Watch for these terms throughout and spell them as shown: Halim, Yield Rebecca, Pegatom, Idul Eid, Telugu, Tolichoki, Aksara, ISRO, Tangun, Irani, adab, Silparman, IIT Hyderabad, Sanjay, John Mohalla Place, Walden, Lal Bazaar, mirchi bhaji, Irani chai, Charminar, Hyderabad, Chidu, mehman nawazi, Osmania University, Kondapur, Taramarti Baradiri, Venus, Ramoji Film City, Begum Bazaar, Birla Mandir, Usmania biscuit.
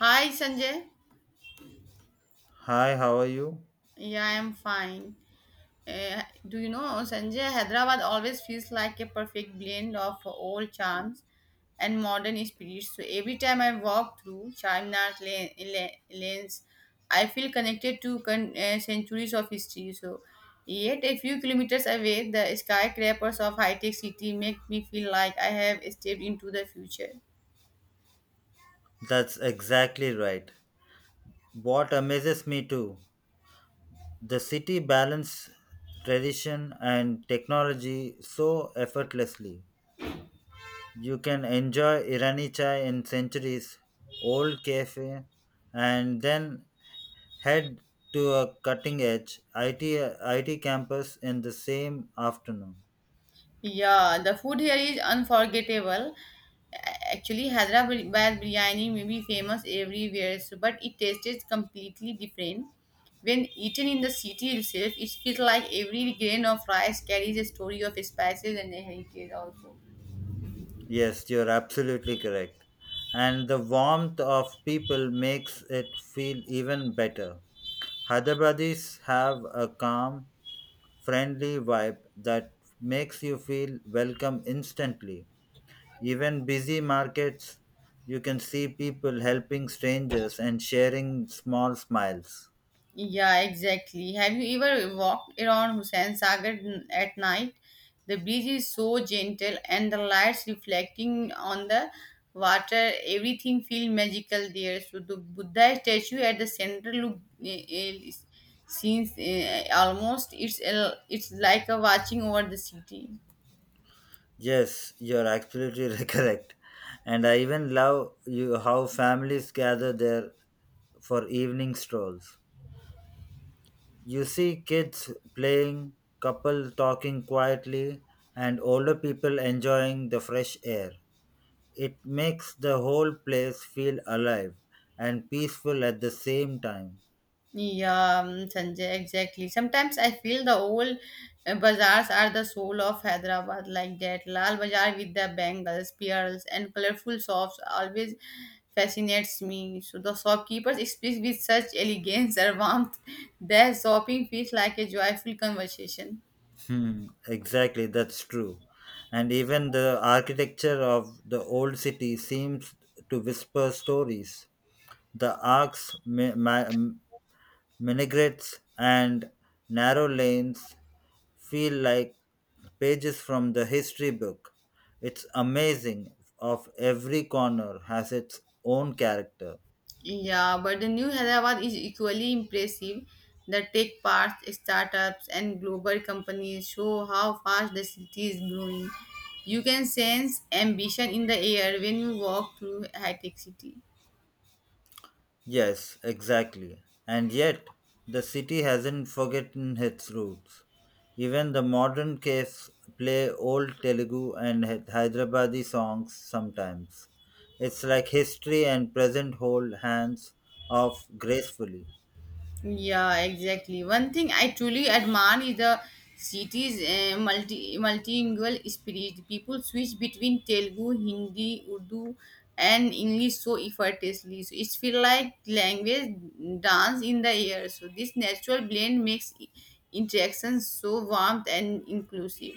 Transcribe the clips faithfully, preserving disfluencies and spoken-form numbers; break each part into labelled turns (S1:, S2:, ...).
S1: Hi Sanjay.
S2: Hi, how are you?
S1: Yeah, I'm fine. Uh, do you know Sanjay, Hyderabad always feels like a perfect blend of old charms and modern spirit. So every time I walk through Charminar lane, la- lanes, I feel connected to con- uh, centuries of history. So yet a few kilometers away, the skyscrapers of high-tech city make me feel like I have stepped into the future.
S2: That's exactly right. What amazes me too, the city balance tradition and technology so effortlessly. You can enjoy Irani chai in centuries, old cafe, and then head to a cutting edge I T, I T campus in the same afternoon.
S1: Yeah, the food here is unforgettable. Actually, Hyderabad biryani may be famous everywhere, so- but it tastes completely different. When eaten in the city itself, it feels like every grain of rice carries a story of spices and a heritage also.
S2: Yes, you're absolutely correct. And the warmth of people makes it feel even better. Hyderabadis have a calm, friendly vibe that makes you feel welcome instantly. Even busy markets, you can see people helping strangers and sharing small smiles.
S1: Yeah, exactly. Have you ever walked around Hussain Sagar n- at night? The breeze is so gentle and the lights reflecting on the water, everything feels magical there. So the Buddha statue at the center look uh, uh, since uh, almost it's a, it's like a watching over the city.
S2: Yes, you're absolutely correct. And I even love you how families gather there for evening strolls. You see kids playing, couple talking quietly, and older people enjoying the fresh air. It makes the whole place feel alive and peaceful at the same time.
S1: Yeah, um, Sanjay, exactly. Sometimes I feel the old uh, bazaars are the soul of Hyderabad, like that. Lal Bazaar with the bangles, pearls, and colorful shops always fascinates me. So the shopkeepers speak with such elegance and warmth that shopping feels like a joyful conversation.
S2: Hmm, exactly, that's true. And even the architecture of the old city seems to whisper stories. The arcs, mi- ma- m- minarets, and narrow lanes feel like pages from the history book. It's amazing of every corner has its own character.
S1: Yeah, but the new Hyderabad is equally impressive. The tech parks, startups, and global companies show how fast the city is growing. You can sense ambition in the air when you walk through high tech city.
S2: Yes, exactly. And yet, the city hasn't forgotten its roots. Even the modern cafes play old Telugu and Hy- Hyderabadi songs sometimes. It's like history and present hold hands off gracefully.
S1: Yeah, exactly. One thing I truly admire is the city's uh, multi multilingual spirit. People switch between Telugu, Hindi, Urdu, and English so effortlessly. So it's feel like language dance in the air. So this natural blend makes i- interactions so warm and inclusive.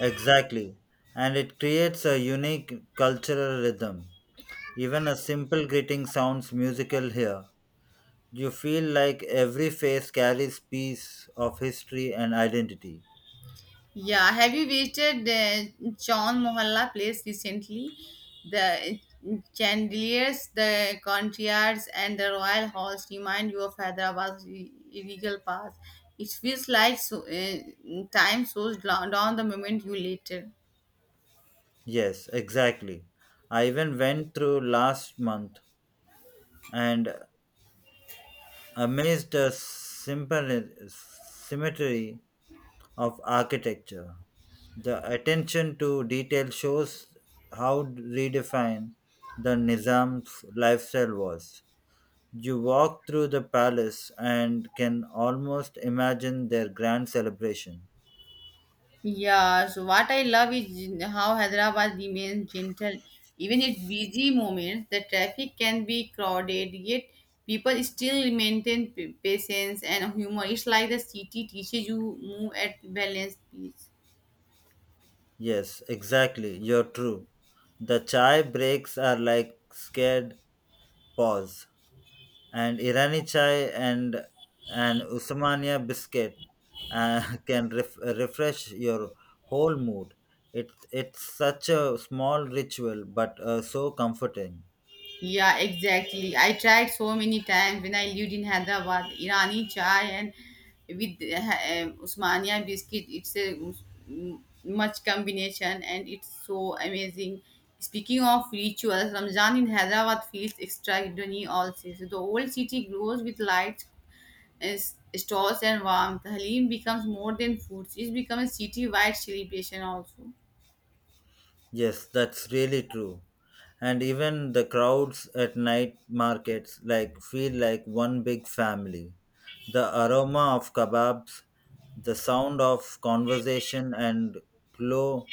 S2: Exactly. And it creates a unique cultural rhythm. Even a simple greeting sounds musical here. You feel like every face carries piece of history and identity.
S1: Yeah, have you visited uh, John Mohalla Place recently? The chandeliers, the courtyards, and the royal halls remind you of Hyderabad's re- regal past. It feels like so, uh, time slows down down the moment you later.
S2: Yes, exactly. I even went through last month and amazed the simple symmetry of architecture. The attention to detail shows how redefined the Nizam's lifestyle was. You walk through the palace and can almost imagine their grand celebration.
S1: Yeah, so what I love is how Hyderabad remains gentle. Even its busy moments, the traffic can be crowded, yet people still maintain pa- patience and humor. It's like the city teaches you move at balance pace.
S2: Yes, exactly. You're true. The chai breaks are like scared paws and Irani chai and and Usmania biscuit uh, can ref- refresh your whole mood. It it's such a small ritual, but uh, so comforting.
S1: Yeah, exactly. I tried so many times when I lived in Hyderabad, Irani chai and with uh, uh, Usmania biscuit. It's a us- much combination and it's so amazing. Speaking of rituals, Ramzan in Hyderabad feels extraordinary also. So the old city glows with lights, uh, s- stores and warmth. Halim becomes more than food. It becomes a city-wide celebration also.
S2: Yes, that's really true. And even the crowds at night markets like feel like one big family. The aroma of kebabs, the sound of conversation and glow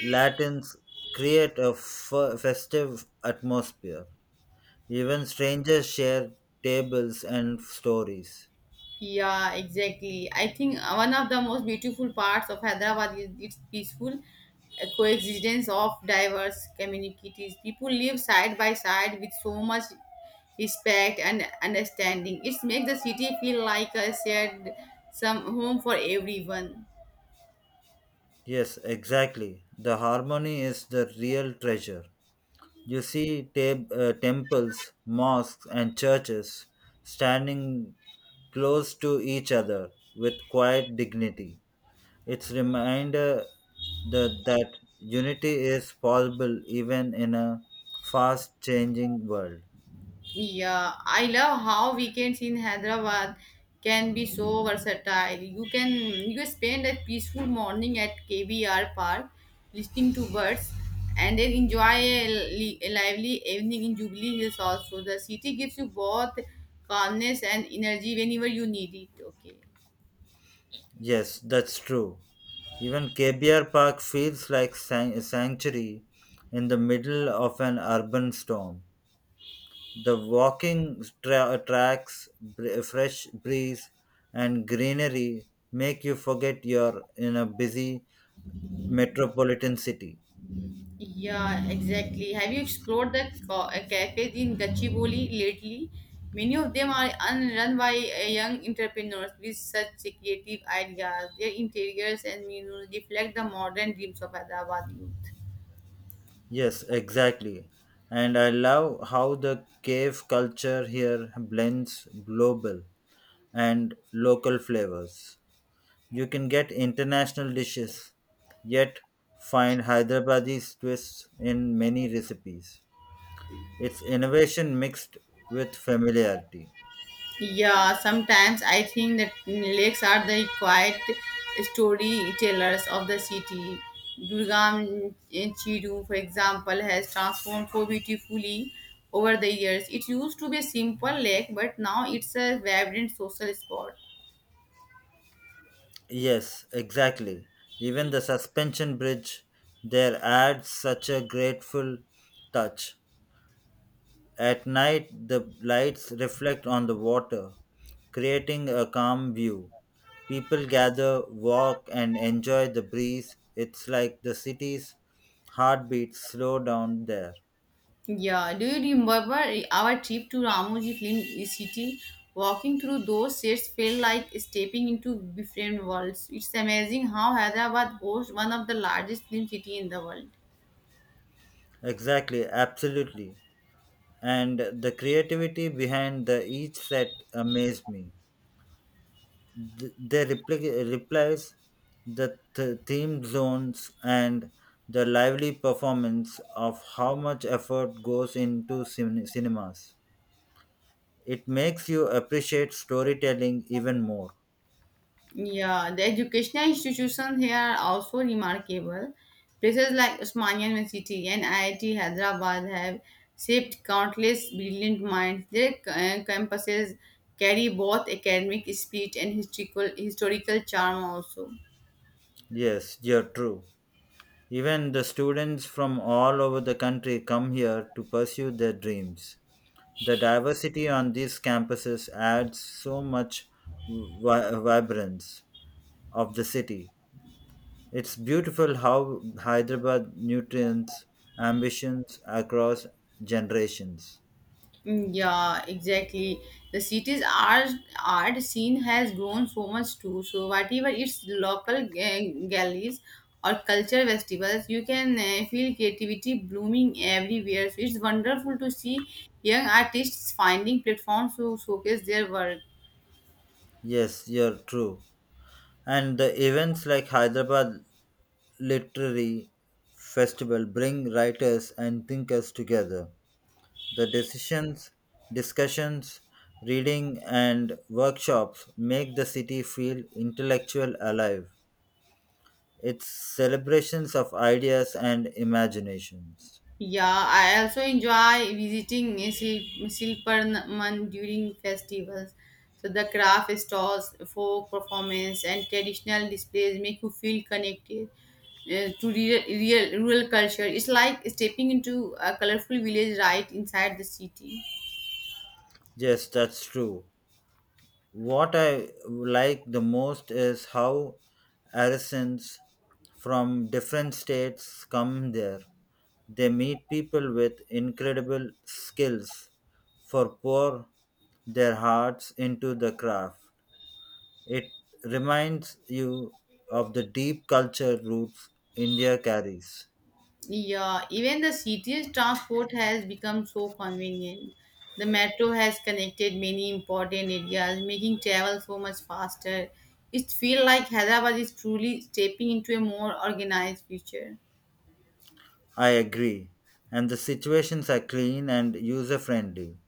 S2: Latins create a f- festive atmosphere. Even strangers share tables and stories.
S1: Yeah, exactly. I think uh, one of the most beautiful parts of Hyderabad is its peaceful uh, coexistence of diverse communities. People live side by side with so much respect and understanding. It makes the city feel like a shared some home for everyone.
S2: Yes, exactly. The harmony is the real treasure. You see tab- uh, temples, mosques, and churches standing close to each other with quiet dignity. It's reminder that, that unity is possible even in a fast changing world.
S1: Yeah, I love how weekends in Hyderabad can be so versatile. You can you spend a peaceful morning at K B R Park listening to birds and then enjoy a, li- a lively evening in Jubilee Hills also. The city gives you both calmness and energy whenever you need it. Okay.
S2: Yes, that's true. Even K B R Park feels like san- a sanctuary in the middle of an urban storm. The walking tra- tracks, br- fresh breeze, and greenery make you forget you're in a busy metropolitan city.
S1: Yeah, exactly. Have you explored the ca- uh, cafes in Gachibowli lately? Many of them are un- run by uh, young entrepreneurs with such creative ideas. Their interiors and menus reflect the modern dreams of Hyderabad youth.
S2: Yes, exactly. And I love how the cave culture here blends global and local flavors. You can get international dishes, yet find Hyderabadi twists in many recipes. It's innovation mixed with familiarity.
S1: Yeah, sometimes I think that lakes are the quiet storytellers of the city. Durgam eh, Chidu, for example, has transformed so beautifully over the years. It used to be a simple lake, but now it's a vibrant social spot.
S2: Yes, exactly. Even the suspension bridge there adds such a grateful touch. At night, the lights reflect on the water, creating a calm view. People gather, walk, and enjoy the breeze. It's like the city's heartbeats slow down there.
S1: Yeah, do you remember our trip to Ramoji Film City? Walking through those sets felt like stepping into different worlds. It's amazing how Hyderabad hosts one of the largest film city in the world.
S2: Exactly, absolutely. And the creativity behind the each set amazed me. Th- They repli- replies, the th- theme zones, and the lively performance of how much effort goes into cin- cinemas. It makes you appreciate storytelling even more.
S1: Yeah, the educational institutions here are also remarkable. Places like Osmania University and I I T Hyderabad have shaped countless brilliant minds. Their uh, campuses carry both academic spirit and historical historical charm also.
S2: Yes, you're true. Even the students from all over the country come here to pursue their dreams. The diversity on these campuses adds so much vi- vibrance of the city. It's beautiful how Hyderabad nutrients ambitions across generations.
S1: Mm, Yeah, exactly. The city's art, art scene has grown so much too. So, whatever its local ga- galleries or culture festivals, you can uh, feel creativity blooming everywhere. So, it's wonderful to see young artists finding platforms to showcase their work.
S2: Yes, you're true. And the events like Hyderabad literary festival bring writers and thinkers together. The decisions, discussions, reading, and workshops make the city feel intellectual alive. It's celebrations of ideas and imaginations.
S1: Yeah, I also enjoy visiting Sil- Silparman during festivals. So the craft stalls, folk performance, and traditional displays make you feel connected uh, to real, real rural culture. It's like stepping into a colorful village right inside the city.
S2: Yes, that's true. What I like the most is how artisans from different states come there. They meet people with incredible skills for pour their hearts into the craft. It reminds you of the deep culture roots India carries.
S1: Yeah, even the city's transport has become so convenient. The metro has connected many important areas, making travel so much faster. It feels like Hyderabad is truly stepping into a more organized future.
S2: I agree. And the situations are clean and user friendly.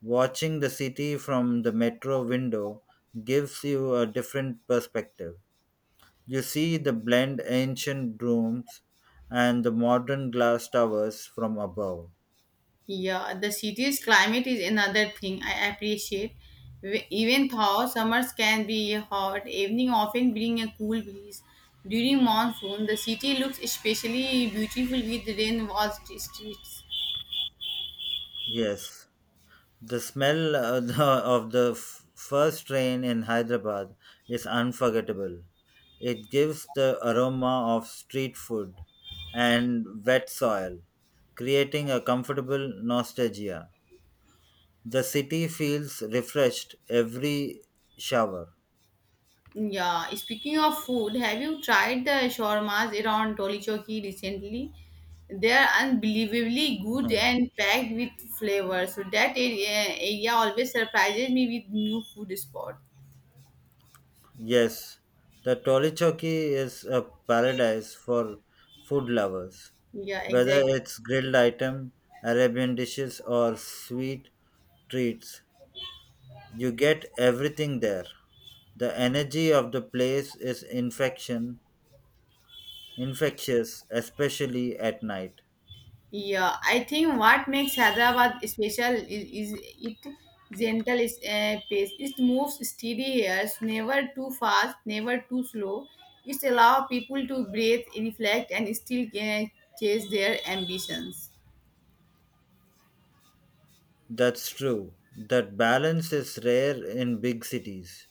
S2: Watching the city from the metro window gives you a different perspective. You see the blend ancient rooms and the modern glass towers from above.
S1: Yeah, the city's climate is another thing I appreciate. W- Even though summers can be hot, evening often bring a cool breeze. During monsoon, the city looks especially beautiful with rain washed streets.
S2: Yes, the smell of the, of the f- first train in Hyderabad is unforgettable. It gives the aroma of street food and wet soil, creating a comfortable nostalgia. The city feels refreshed every shower.
S1: Yeah, speaking of food, have you tried the shawarmas around Tolichoki recently? They are unbelievably good
S2: Mhm.
S1: and packed with flavors. So that area, area always surprises me with new food spot.
S2: Yes, the Tolichoki is a paradise for food lovers,
S1: Yeah,
S2: whether
S1: exactly.
S2: it's grilled item, Arabian dishes, or sweet treats. You get everything there. The energy of the place is infection, infectious, especially at night.
S1: Yeah, I think what makes Hyderabad special is, is it gentle is, uh, pace. It moves steady here, never too fast, never too slow. It allows people to breathe, reflect, and still uh, chase their ambitions.
S2: That's true. That balance is rare in big cities.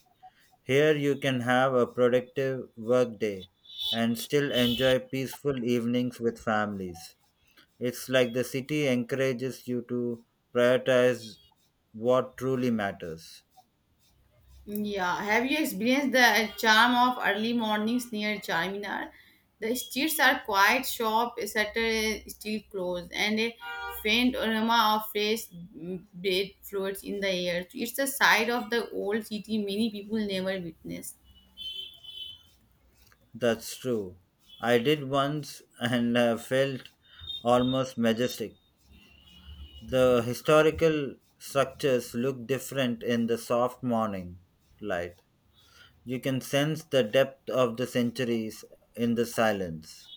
S2: Here you can have a productive work day and still enjoy peaceful evenings with families. It's like the city encourages you to prioritize what truly matters.
S1: Yeah, have you experienced the charm of early mornings near Charminar? The streets are quiet, shop shutter is still closed, and a faint aroma of fresh mm, bread floats in the air. It's the side of the old city many people never witness.
S2: That's true. I did once and uh, felt almost majestic. The historical structures look different in the soft morning light. You can sense the depth of the centuries in the silence.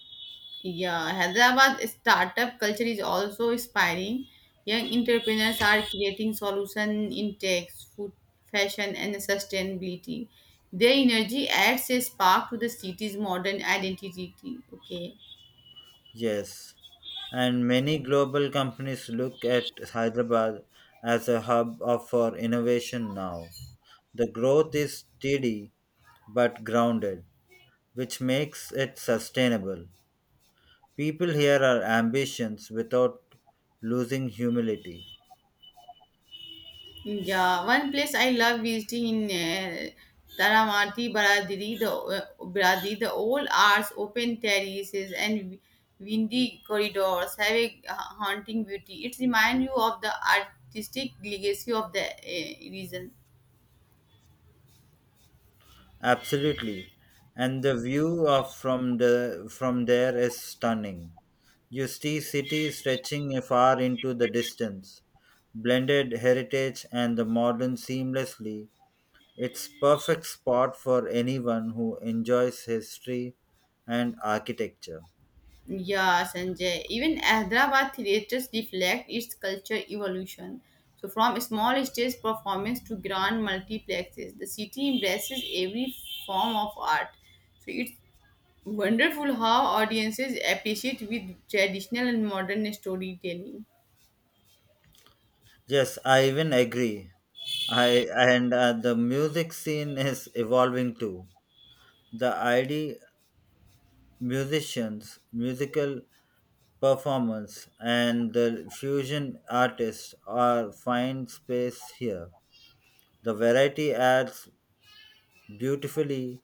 S1: Yeah, Hyderabad startup culture is also inspiring. Young entrepreneurs are creating solutions in tech, food, fashion, and sustainability. Their energy adds a spark to the city's modern identity. Okay.
S2: Yes, and many global companies look at Hyderabad as a hub of, for innovation now. The growth is steady but grounded, which makes it sustainable. People here are ambitions without losing humility.
S1: Yeah, one place I love visiting in uh, Taramarti Baradiri, the uh, Baradiri, the old arts, open terraces, and windy corridors have a uh, haunting beauty. It reminds you of the artistic legacy of the uh, region.
S2: Absolutely. And the view of from the from there is stunning. You see city stretching far into the distance, blended heritage and the modern seamlessly. It's perfect spot for anyone who enjoys history and architecture.
S1: Yeah, Sanjay. Even Hyderabad theatres reflect its culture evolution. So, from small stage performance to grand multiplexes, the city embraces every form of art. So, it. Wonderful how audiences appreciate with traditional and modern storytelling.
S2: Yes, I even agree. I and uh, the music scene is evolving too. The I D musicians, musical performance, and the fusion artists are find space here. The variety adds beautifully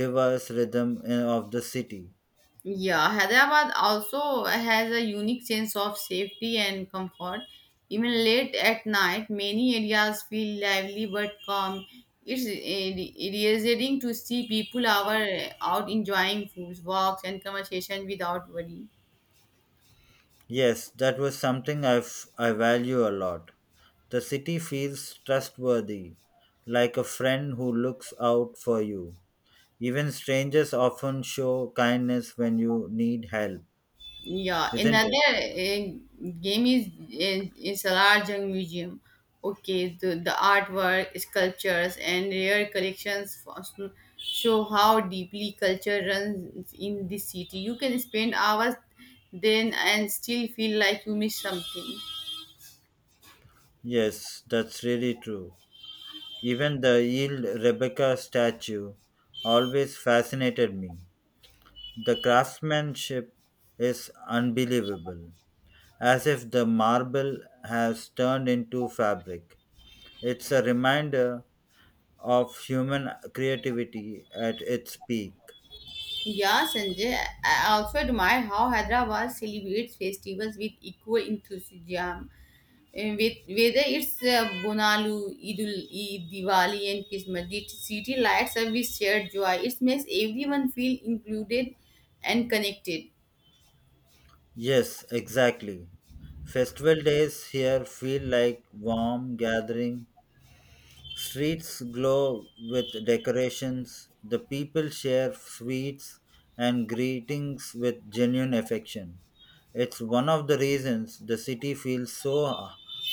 S2: diverse rhythm in- of the city.
S1: Yeah, Hyderabad also has a unique sense of safety and comfort. Even late at night, many areas feel lively but calm. It's eh, reassuring to see people are out enjoying food, walks, and conversation without worry.
S2: Yes, that was something I've, I value a lot. The city feels trustworthy, like a friend who looks out for you. Even strangers often show kindness when you need help,
S1: Yeah,
S2: isn't it?
S1: another uh, game is in is a large museum. Okay, the, the artwork, sculptures, and rare collections fos- show how deeply culture runs in this city. You can spend hours then and still feel like you missed something.
S2: Yes, that's really true. Even the Yield Rebecca statue always fascinated me. The craftsmanship is unbelievable, as if the marble has turned into fabric. It's a reminder of human creativity at its peak.
S1: Yeah, Sanjay, I also admire how Hyderabad celebrates festivals with equal enthusiasm. Uh, with whether it's uh, Bonalu, Idul Eid, Diwali, and Christmas, the city lights up with shared joy. It makes everyone feel included and connected.
S2: Yes, exactly. Festival days here feel like warm gathering. Streets glow with decorations, the people share sweets and greetings with genuine affection. It's one of the reasons the city feels so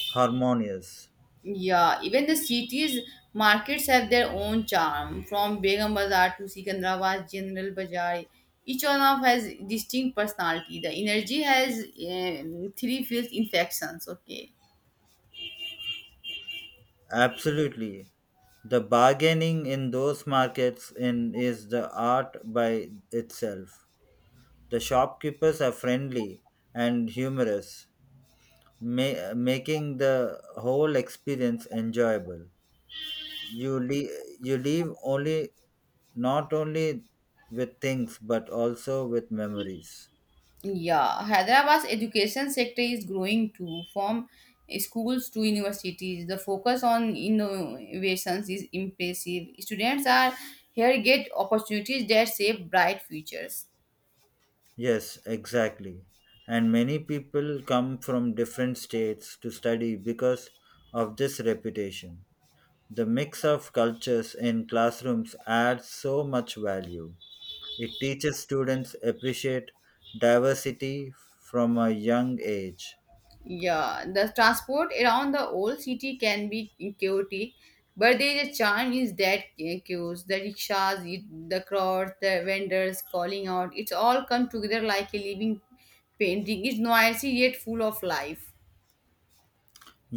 S2: harmonious.
S1: Yeah, even the city's markets have their own charm, from Begum Bazaar to Sikandrabad General Bazaar. Each one of has distinct personality. The energy has um, three fields infections. Okay.
S2: Absolutely. The bargaining in those markets in is the art by itself. The shopkeepers are friendly and humorous, ma- making the whole experience enjoyable. you leave you leave only not only with things but also with memories.
S1: Yeah, Hyderabad's education sector is growing too, from schools to universities. The focus on innovations is impressive. Students are here get opportunities that shape bright futures.
S2: Yes, exactly, and many people come from different states to study because of this reputation. The mix of cultures in classrooms adds so much value. It teaches students appreciate diversity from a young age.
S1: Yeah, the transport around the old city can be chaotic, but there is a charm is that chaos. The rickshaws, it- the crowds, the vendors calling out. It's all come together like a living painting. It's noisy yet full of life.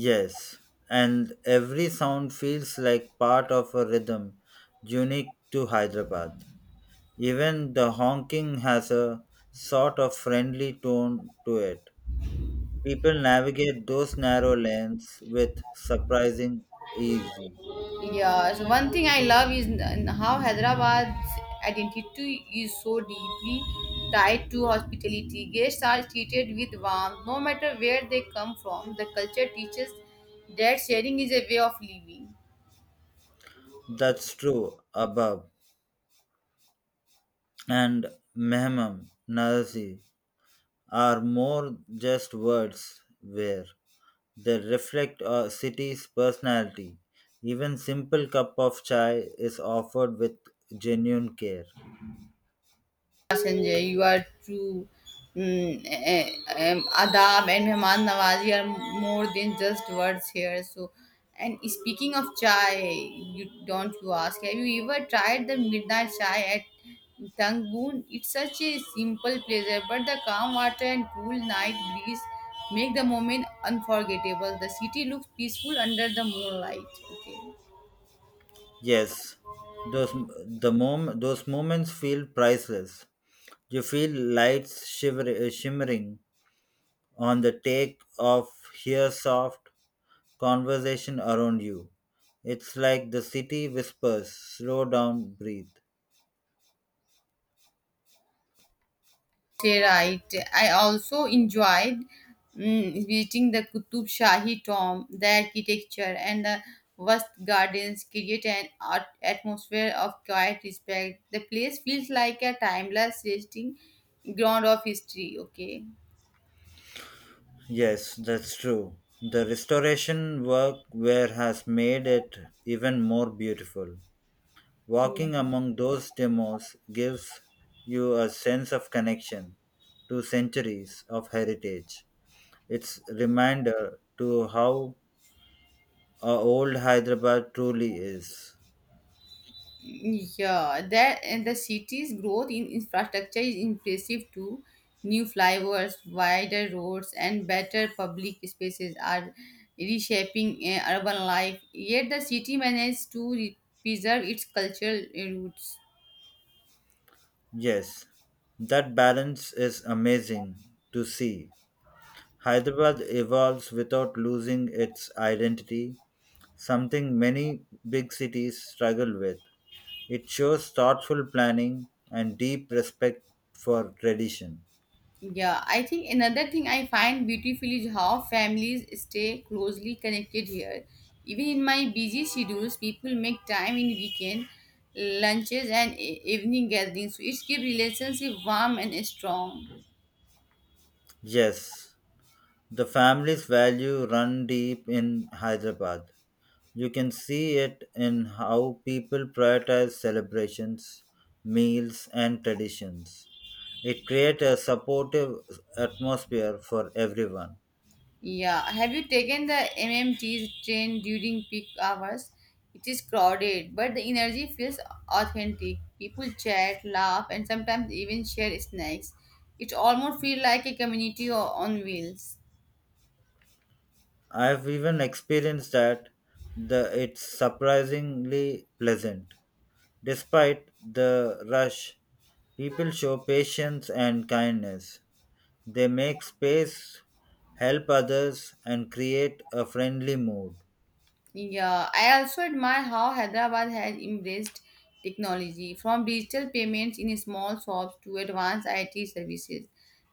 S2: Yes, and every sound feels like part of a rhythm unique to Hyderabad. Even the honking has a sort of friendly tone to it. People navigate those narrow lanes with surprising ease.
S1: Yeah, so one thing I love is n- how Hyderabad's identity is so deeply tied to hospitality. Guests are treated with warmth, no matter where they come from. The culture teaches that sharing is a way of living.
S2: That's true, above and mehmam, nazi are more just words where they reflect a city's personality. Even simple cup of chai is offered with genuine care.
S1: Passenger. You are true mm, eh, eh, um, adab and mehman nawazi are more than just words here. So, and speaking of chai, you don't you ask? Have you ever tried the midnight chai at Tangun? It's such a simple pleasure, but the calm water and cool night breeze make the moment unforgettable. The city looks peaceful under the moonlight. Okay.
S2: Yes, those the mom, those moments feel priceless. You feel lights shiver, uh, shimmering on the take of hear soft conversation around you. It's like the city whispers, slow down, breathe.
S1: Right. I also enjoyed mm, visiting the Qutub Shahi tomb. The architecture and the vast gardens create an art- atmosphere of quiet respect. The place feels like a timeless resting ground of history. Okay.
S2: Yes, that's true. The restoration work where has made it even more beautiful.
S1: Yeah.
S2: Walking among those demos gives you a sense of connection to centuries of heritage. It's reminder to how our old Hyderabad truly is.
S1: Yeah, that and the city's growth in infrastructure is impressive too. New flyovers, wider roads, and better public spaces are reshaping eh, urban life. Yet the city managed to re- preserve its cultural eh, roots.
S2: Yes, that balance is amazing to see. Hyderabad evolves without losing its identity something many big cities struggle with. It shows thoughtful planning and deep respect for tradition.
S1: Yeah, I think another thing I find beautiful is how families stay closely connected here. Even in my busy schedules, people make time in weekend lunches and e- evening gatherings, which keep relationship warm and strong.
S2: Yes, the family's value run deep in Hyderabad. You can see it in how people prioritize celebrations, meals, and traditions. It creates a supportive atmosphere for everyone.
S1: Yeah, have you taken the M M T's train during peak hours? It is crowded, but the energy feels authentic. People chat, laugh, and sometimes even share snacks. It almost feels like a community o- on wheels.
S2: I've even experienced that the it's surprisingly pleasant. Despite the rush, people show patience and kindness. They make space, help others, and create a friendly mood.
S1: Yeah, I also admire how Hyderabad has embraced technology from digital payments in small shops to advanced I T services.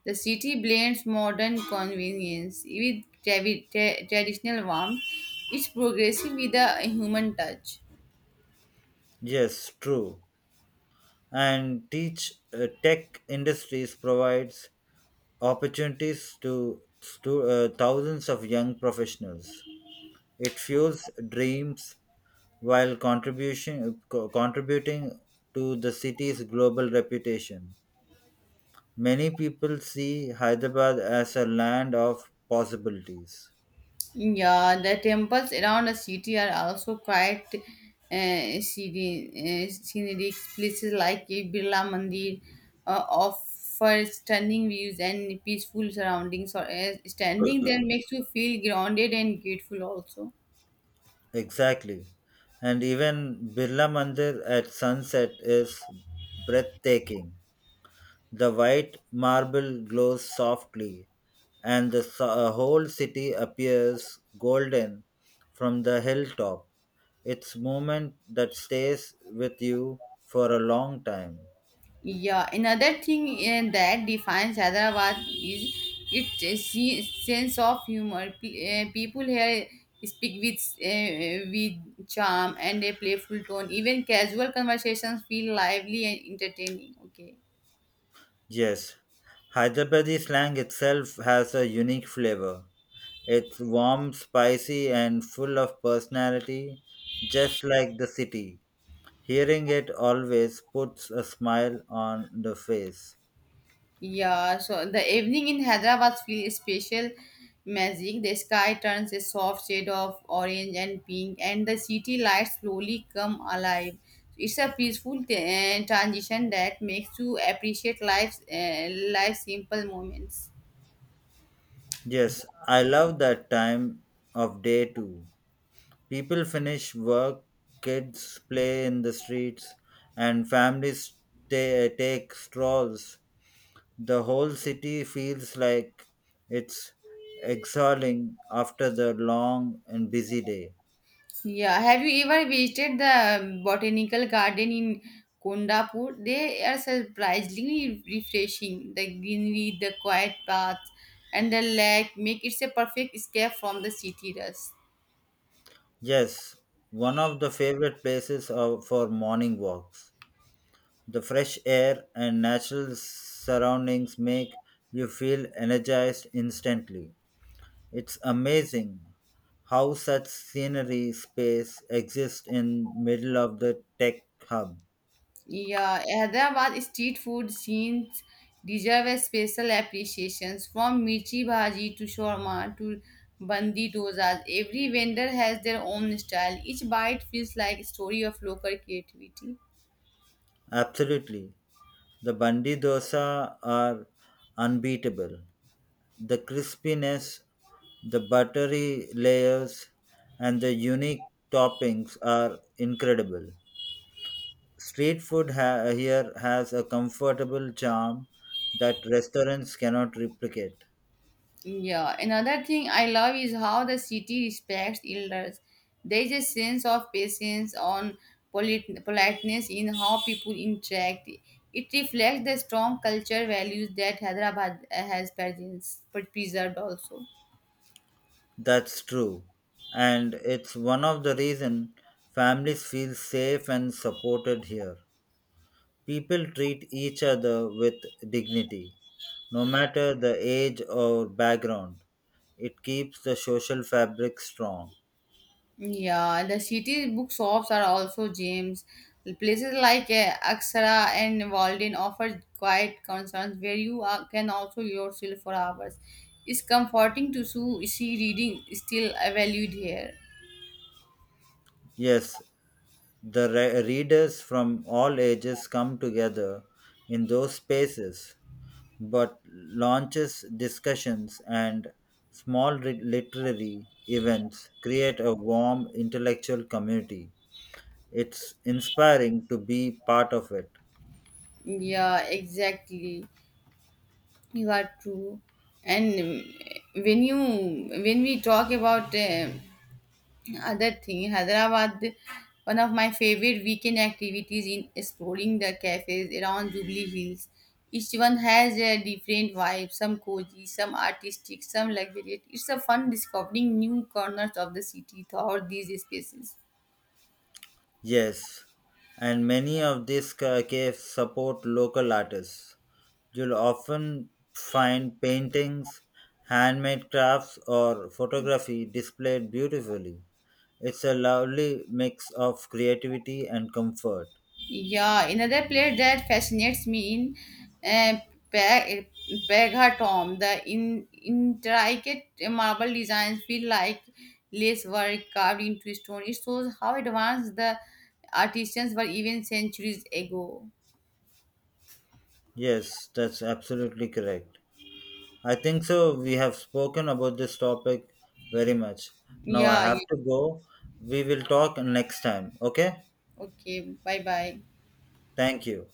S1: The city blends modern convenience with tra- tra- traditional warmth. It's progressive with a human touch.
S2: Yes, true. And teach uh, tech industries provides opportunities to stu- uh, thousands of young professionals. It fuels dreams while contribution co- contributing to the city's global reputation. Many people see Hyderabad as a land of possibilities.
S1: Yeah, the temples around the city are also quite uh, scene- uh, scenic places like a Birla Mandir uh, offer stunning views and peaceful surroundings. Or uh, standing there makes you feel grounded and grateful also.
S2: Exactly. And even Birla Mandir at sunset is breathtaking. The white marble glows softly, and the so- uh, whole city appears golden from the hilltop. It's moment that stays with you for a long time.
S1: Yeah, another thing eh, that defines Hyderabad is its eh, se- sense of humor. P- eh, people here speak with eh, with charm and a playful tone. Even casual conversations feel lively and entertaining. Okay.
S2: Yes, Hyderabadi slang itself has a unique flavor. It's warm, spicy, and full of personality, just like the city. Hearing it always puts a smile on the face.
S1: Yeah, so the evening in Hyderabad feels special magic. The sky turns a soft shade of orange and pink, and the city lights slowly come alive. It's a peaceful t- uh, transition that makes you appreciate life's uh, life's simple moments.
S2: Yes, I love that time of day too. People finish work, kids play in the streets, and families ta- take strolls. The whole city feels like it's exhaling after the long and busy day.
S1: Yeah, have you ever visited the um, botanical garden in Kondapur? They are surprisingly refreshing. The greenery, the quiet paths, and the lake make it a perfect escape from the city rush.
S2: Yes, one of the favorite places of, for morning walks. The fresh air and natural surroundings make you feel energized instantly. It's amazing how such scenery space exists in middle of the tech hub.
S1: Yeah, Hyderabad street food scenes deserve a special appreciations. From mirchi bhaji to shawarma to bandi dosas, every vendor has their own style. Each bite feels like a story of local creativity.
S2: Absolutely. The bandi dosa are unbeatable. The crispiness, the buttery layers, and the unique toppings are incredible. Street food ha- here has a comfortable charm that restaurants cannot replicate.
S1: Yeah, another thing I love is how the city respects elders. There is a sense of patience on polit- politeness in how people interact. It reflects the strong culture values that Hyderabad uh, has presence, preserved also.
S2: That's true. And it's one of the reason families feel safe and supported here. People treat each other with dignity, no matter the age or background. It keeps the social fabric strong.
S1: Yeah, the city bookshops are also gyms. Places like uh, Aksara and Walden offer quiet concerns where you are, can also yourself for hours. It's comforting to su- see reading is still uh, valued here.
S2: Yes, the re- readers from all ages come together in those spaces, but launches, discussions, and small re- literary events create a warm intellectual community. It's inspiring to be part of it.
S1: Yeah, exactly. You are true. And um, when you when we talk about um Other thing, Hyderabad, one of my favorite weekend activities in exploring the cafes around Jubilee Hills. Each one has a different vibe, some cozy, some artistic, some luxurious. It's a fun discovering new corners of the city throughout these spaces.
S2: Yes, and many of these ca- caves support local artists. You'll often find paintings, handmade crafts, or photography displayed beautifully. It's a lovely mix of creativity and comfort.
S1: Yeah, another player that fascinates me in uh, Pe- Pegatom, the in, intricate marble designs feel like lace work carved into stone. It shows how advanced the artisans were even centuries ago.
S2: Yes, that's absolutely correct. I think so. We have spoken about this topic very much. Now I
S1: Yeah,
S2: have
S1: yeah.
S2: to go. We will talk next time. Okay?
S1: Okay, bye bye.
S2: Thank you.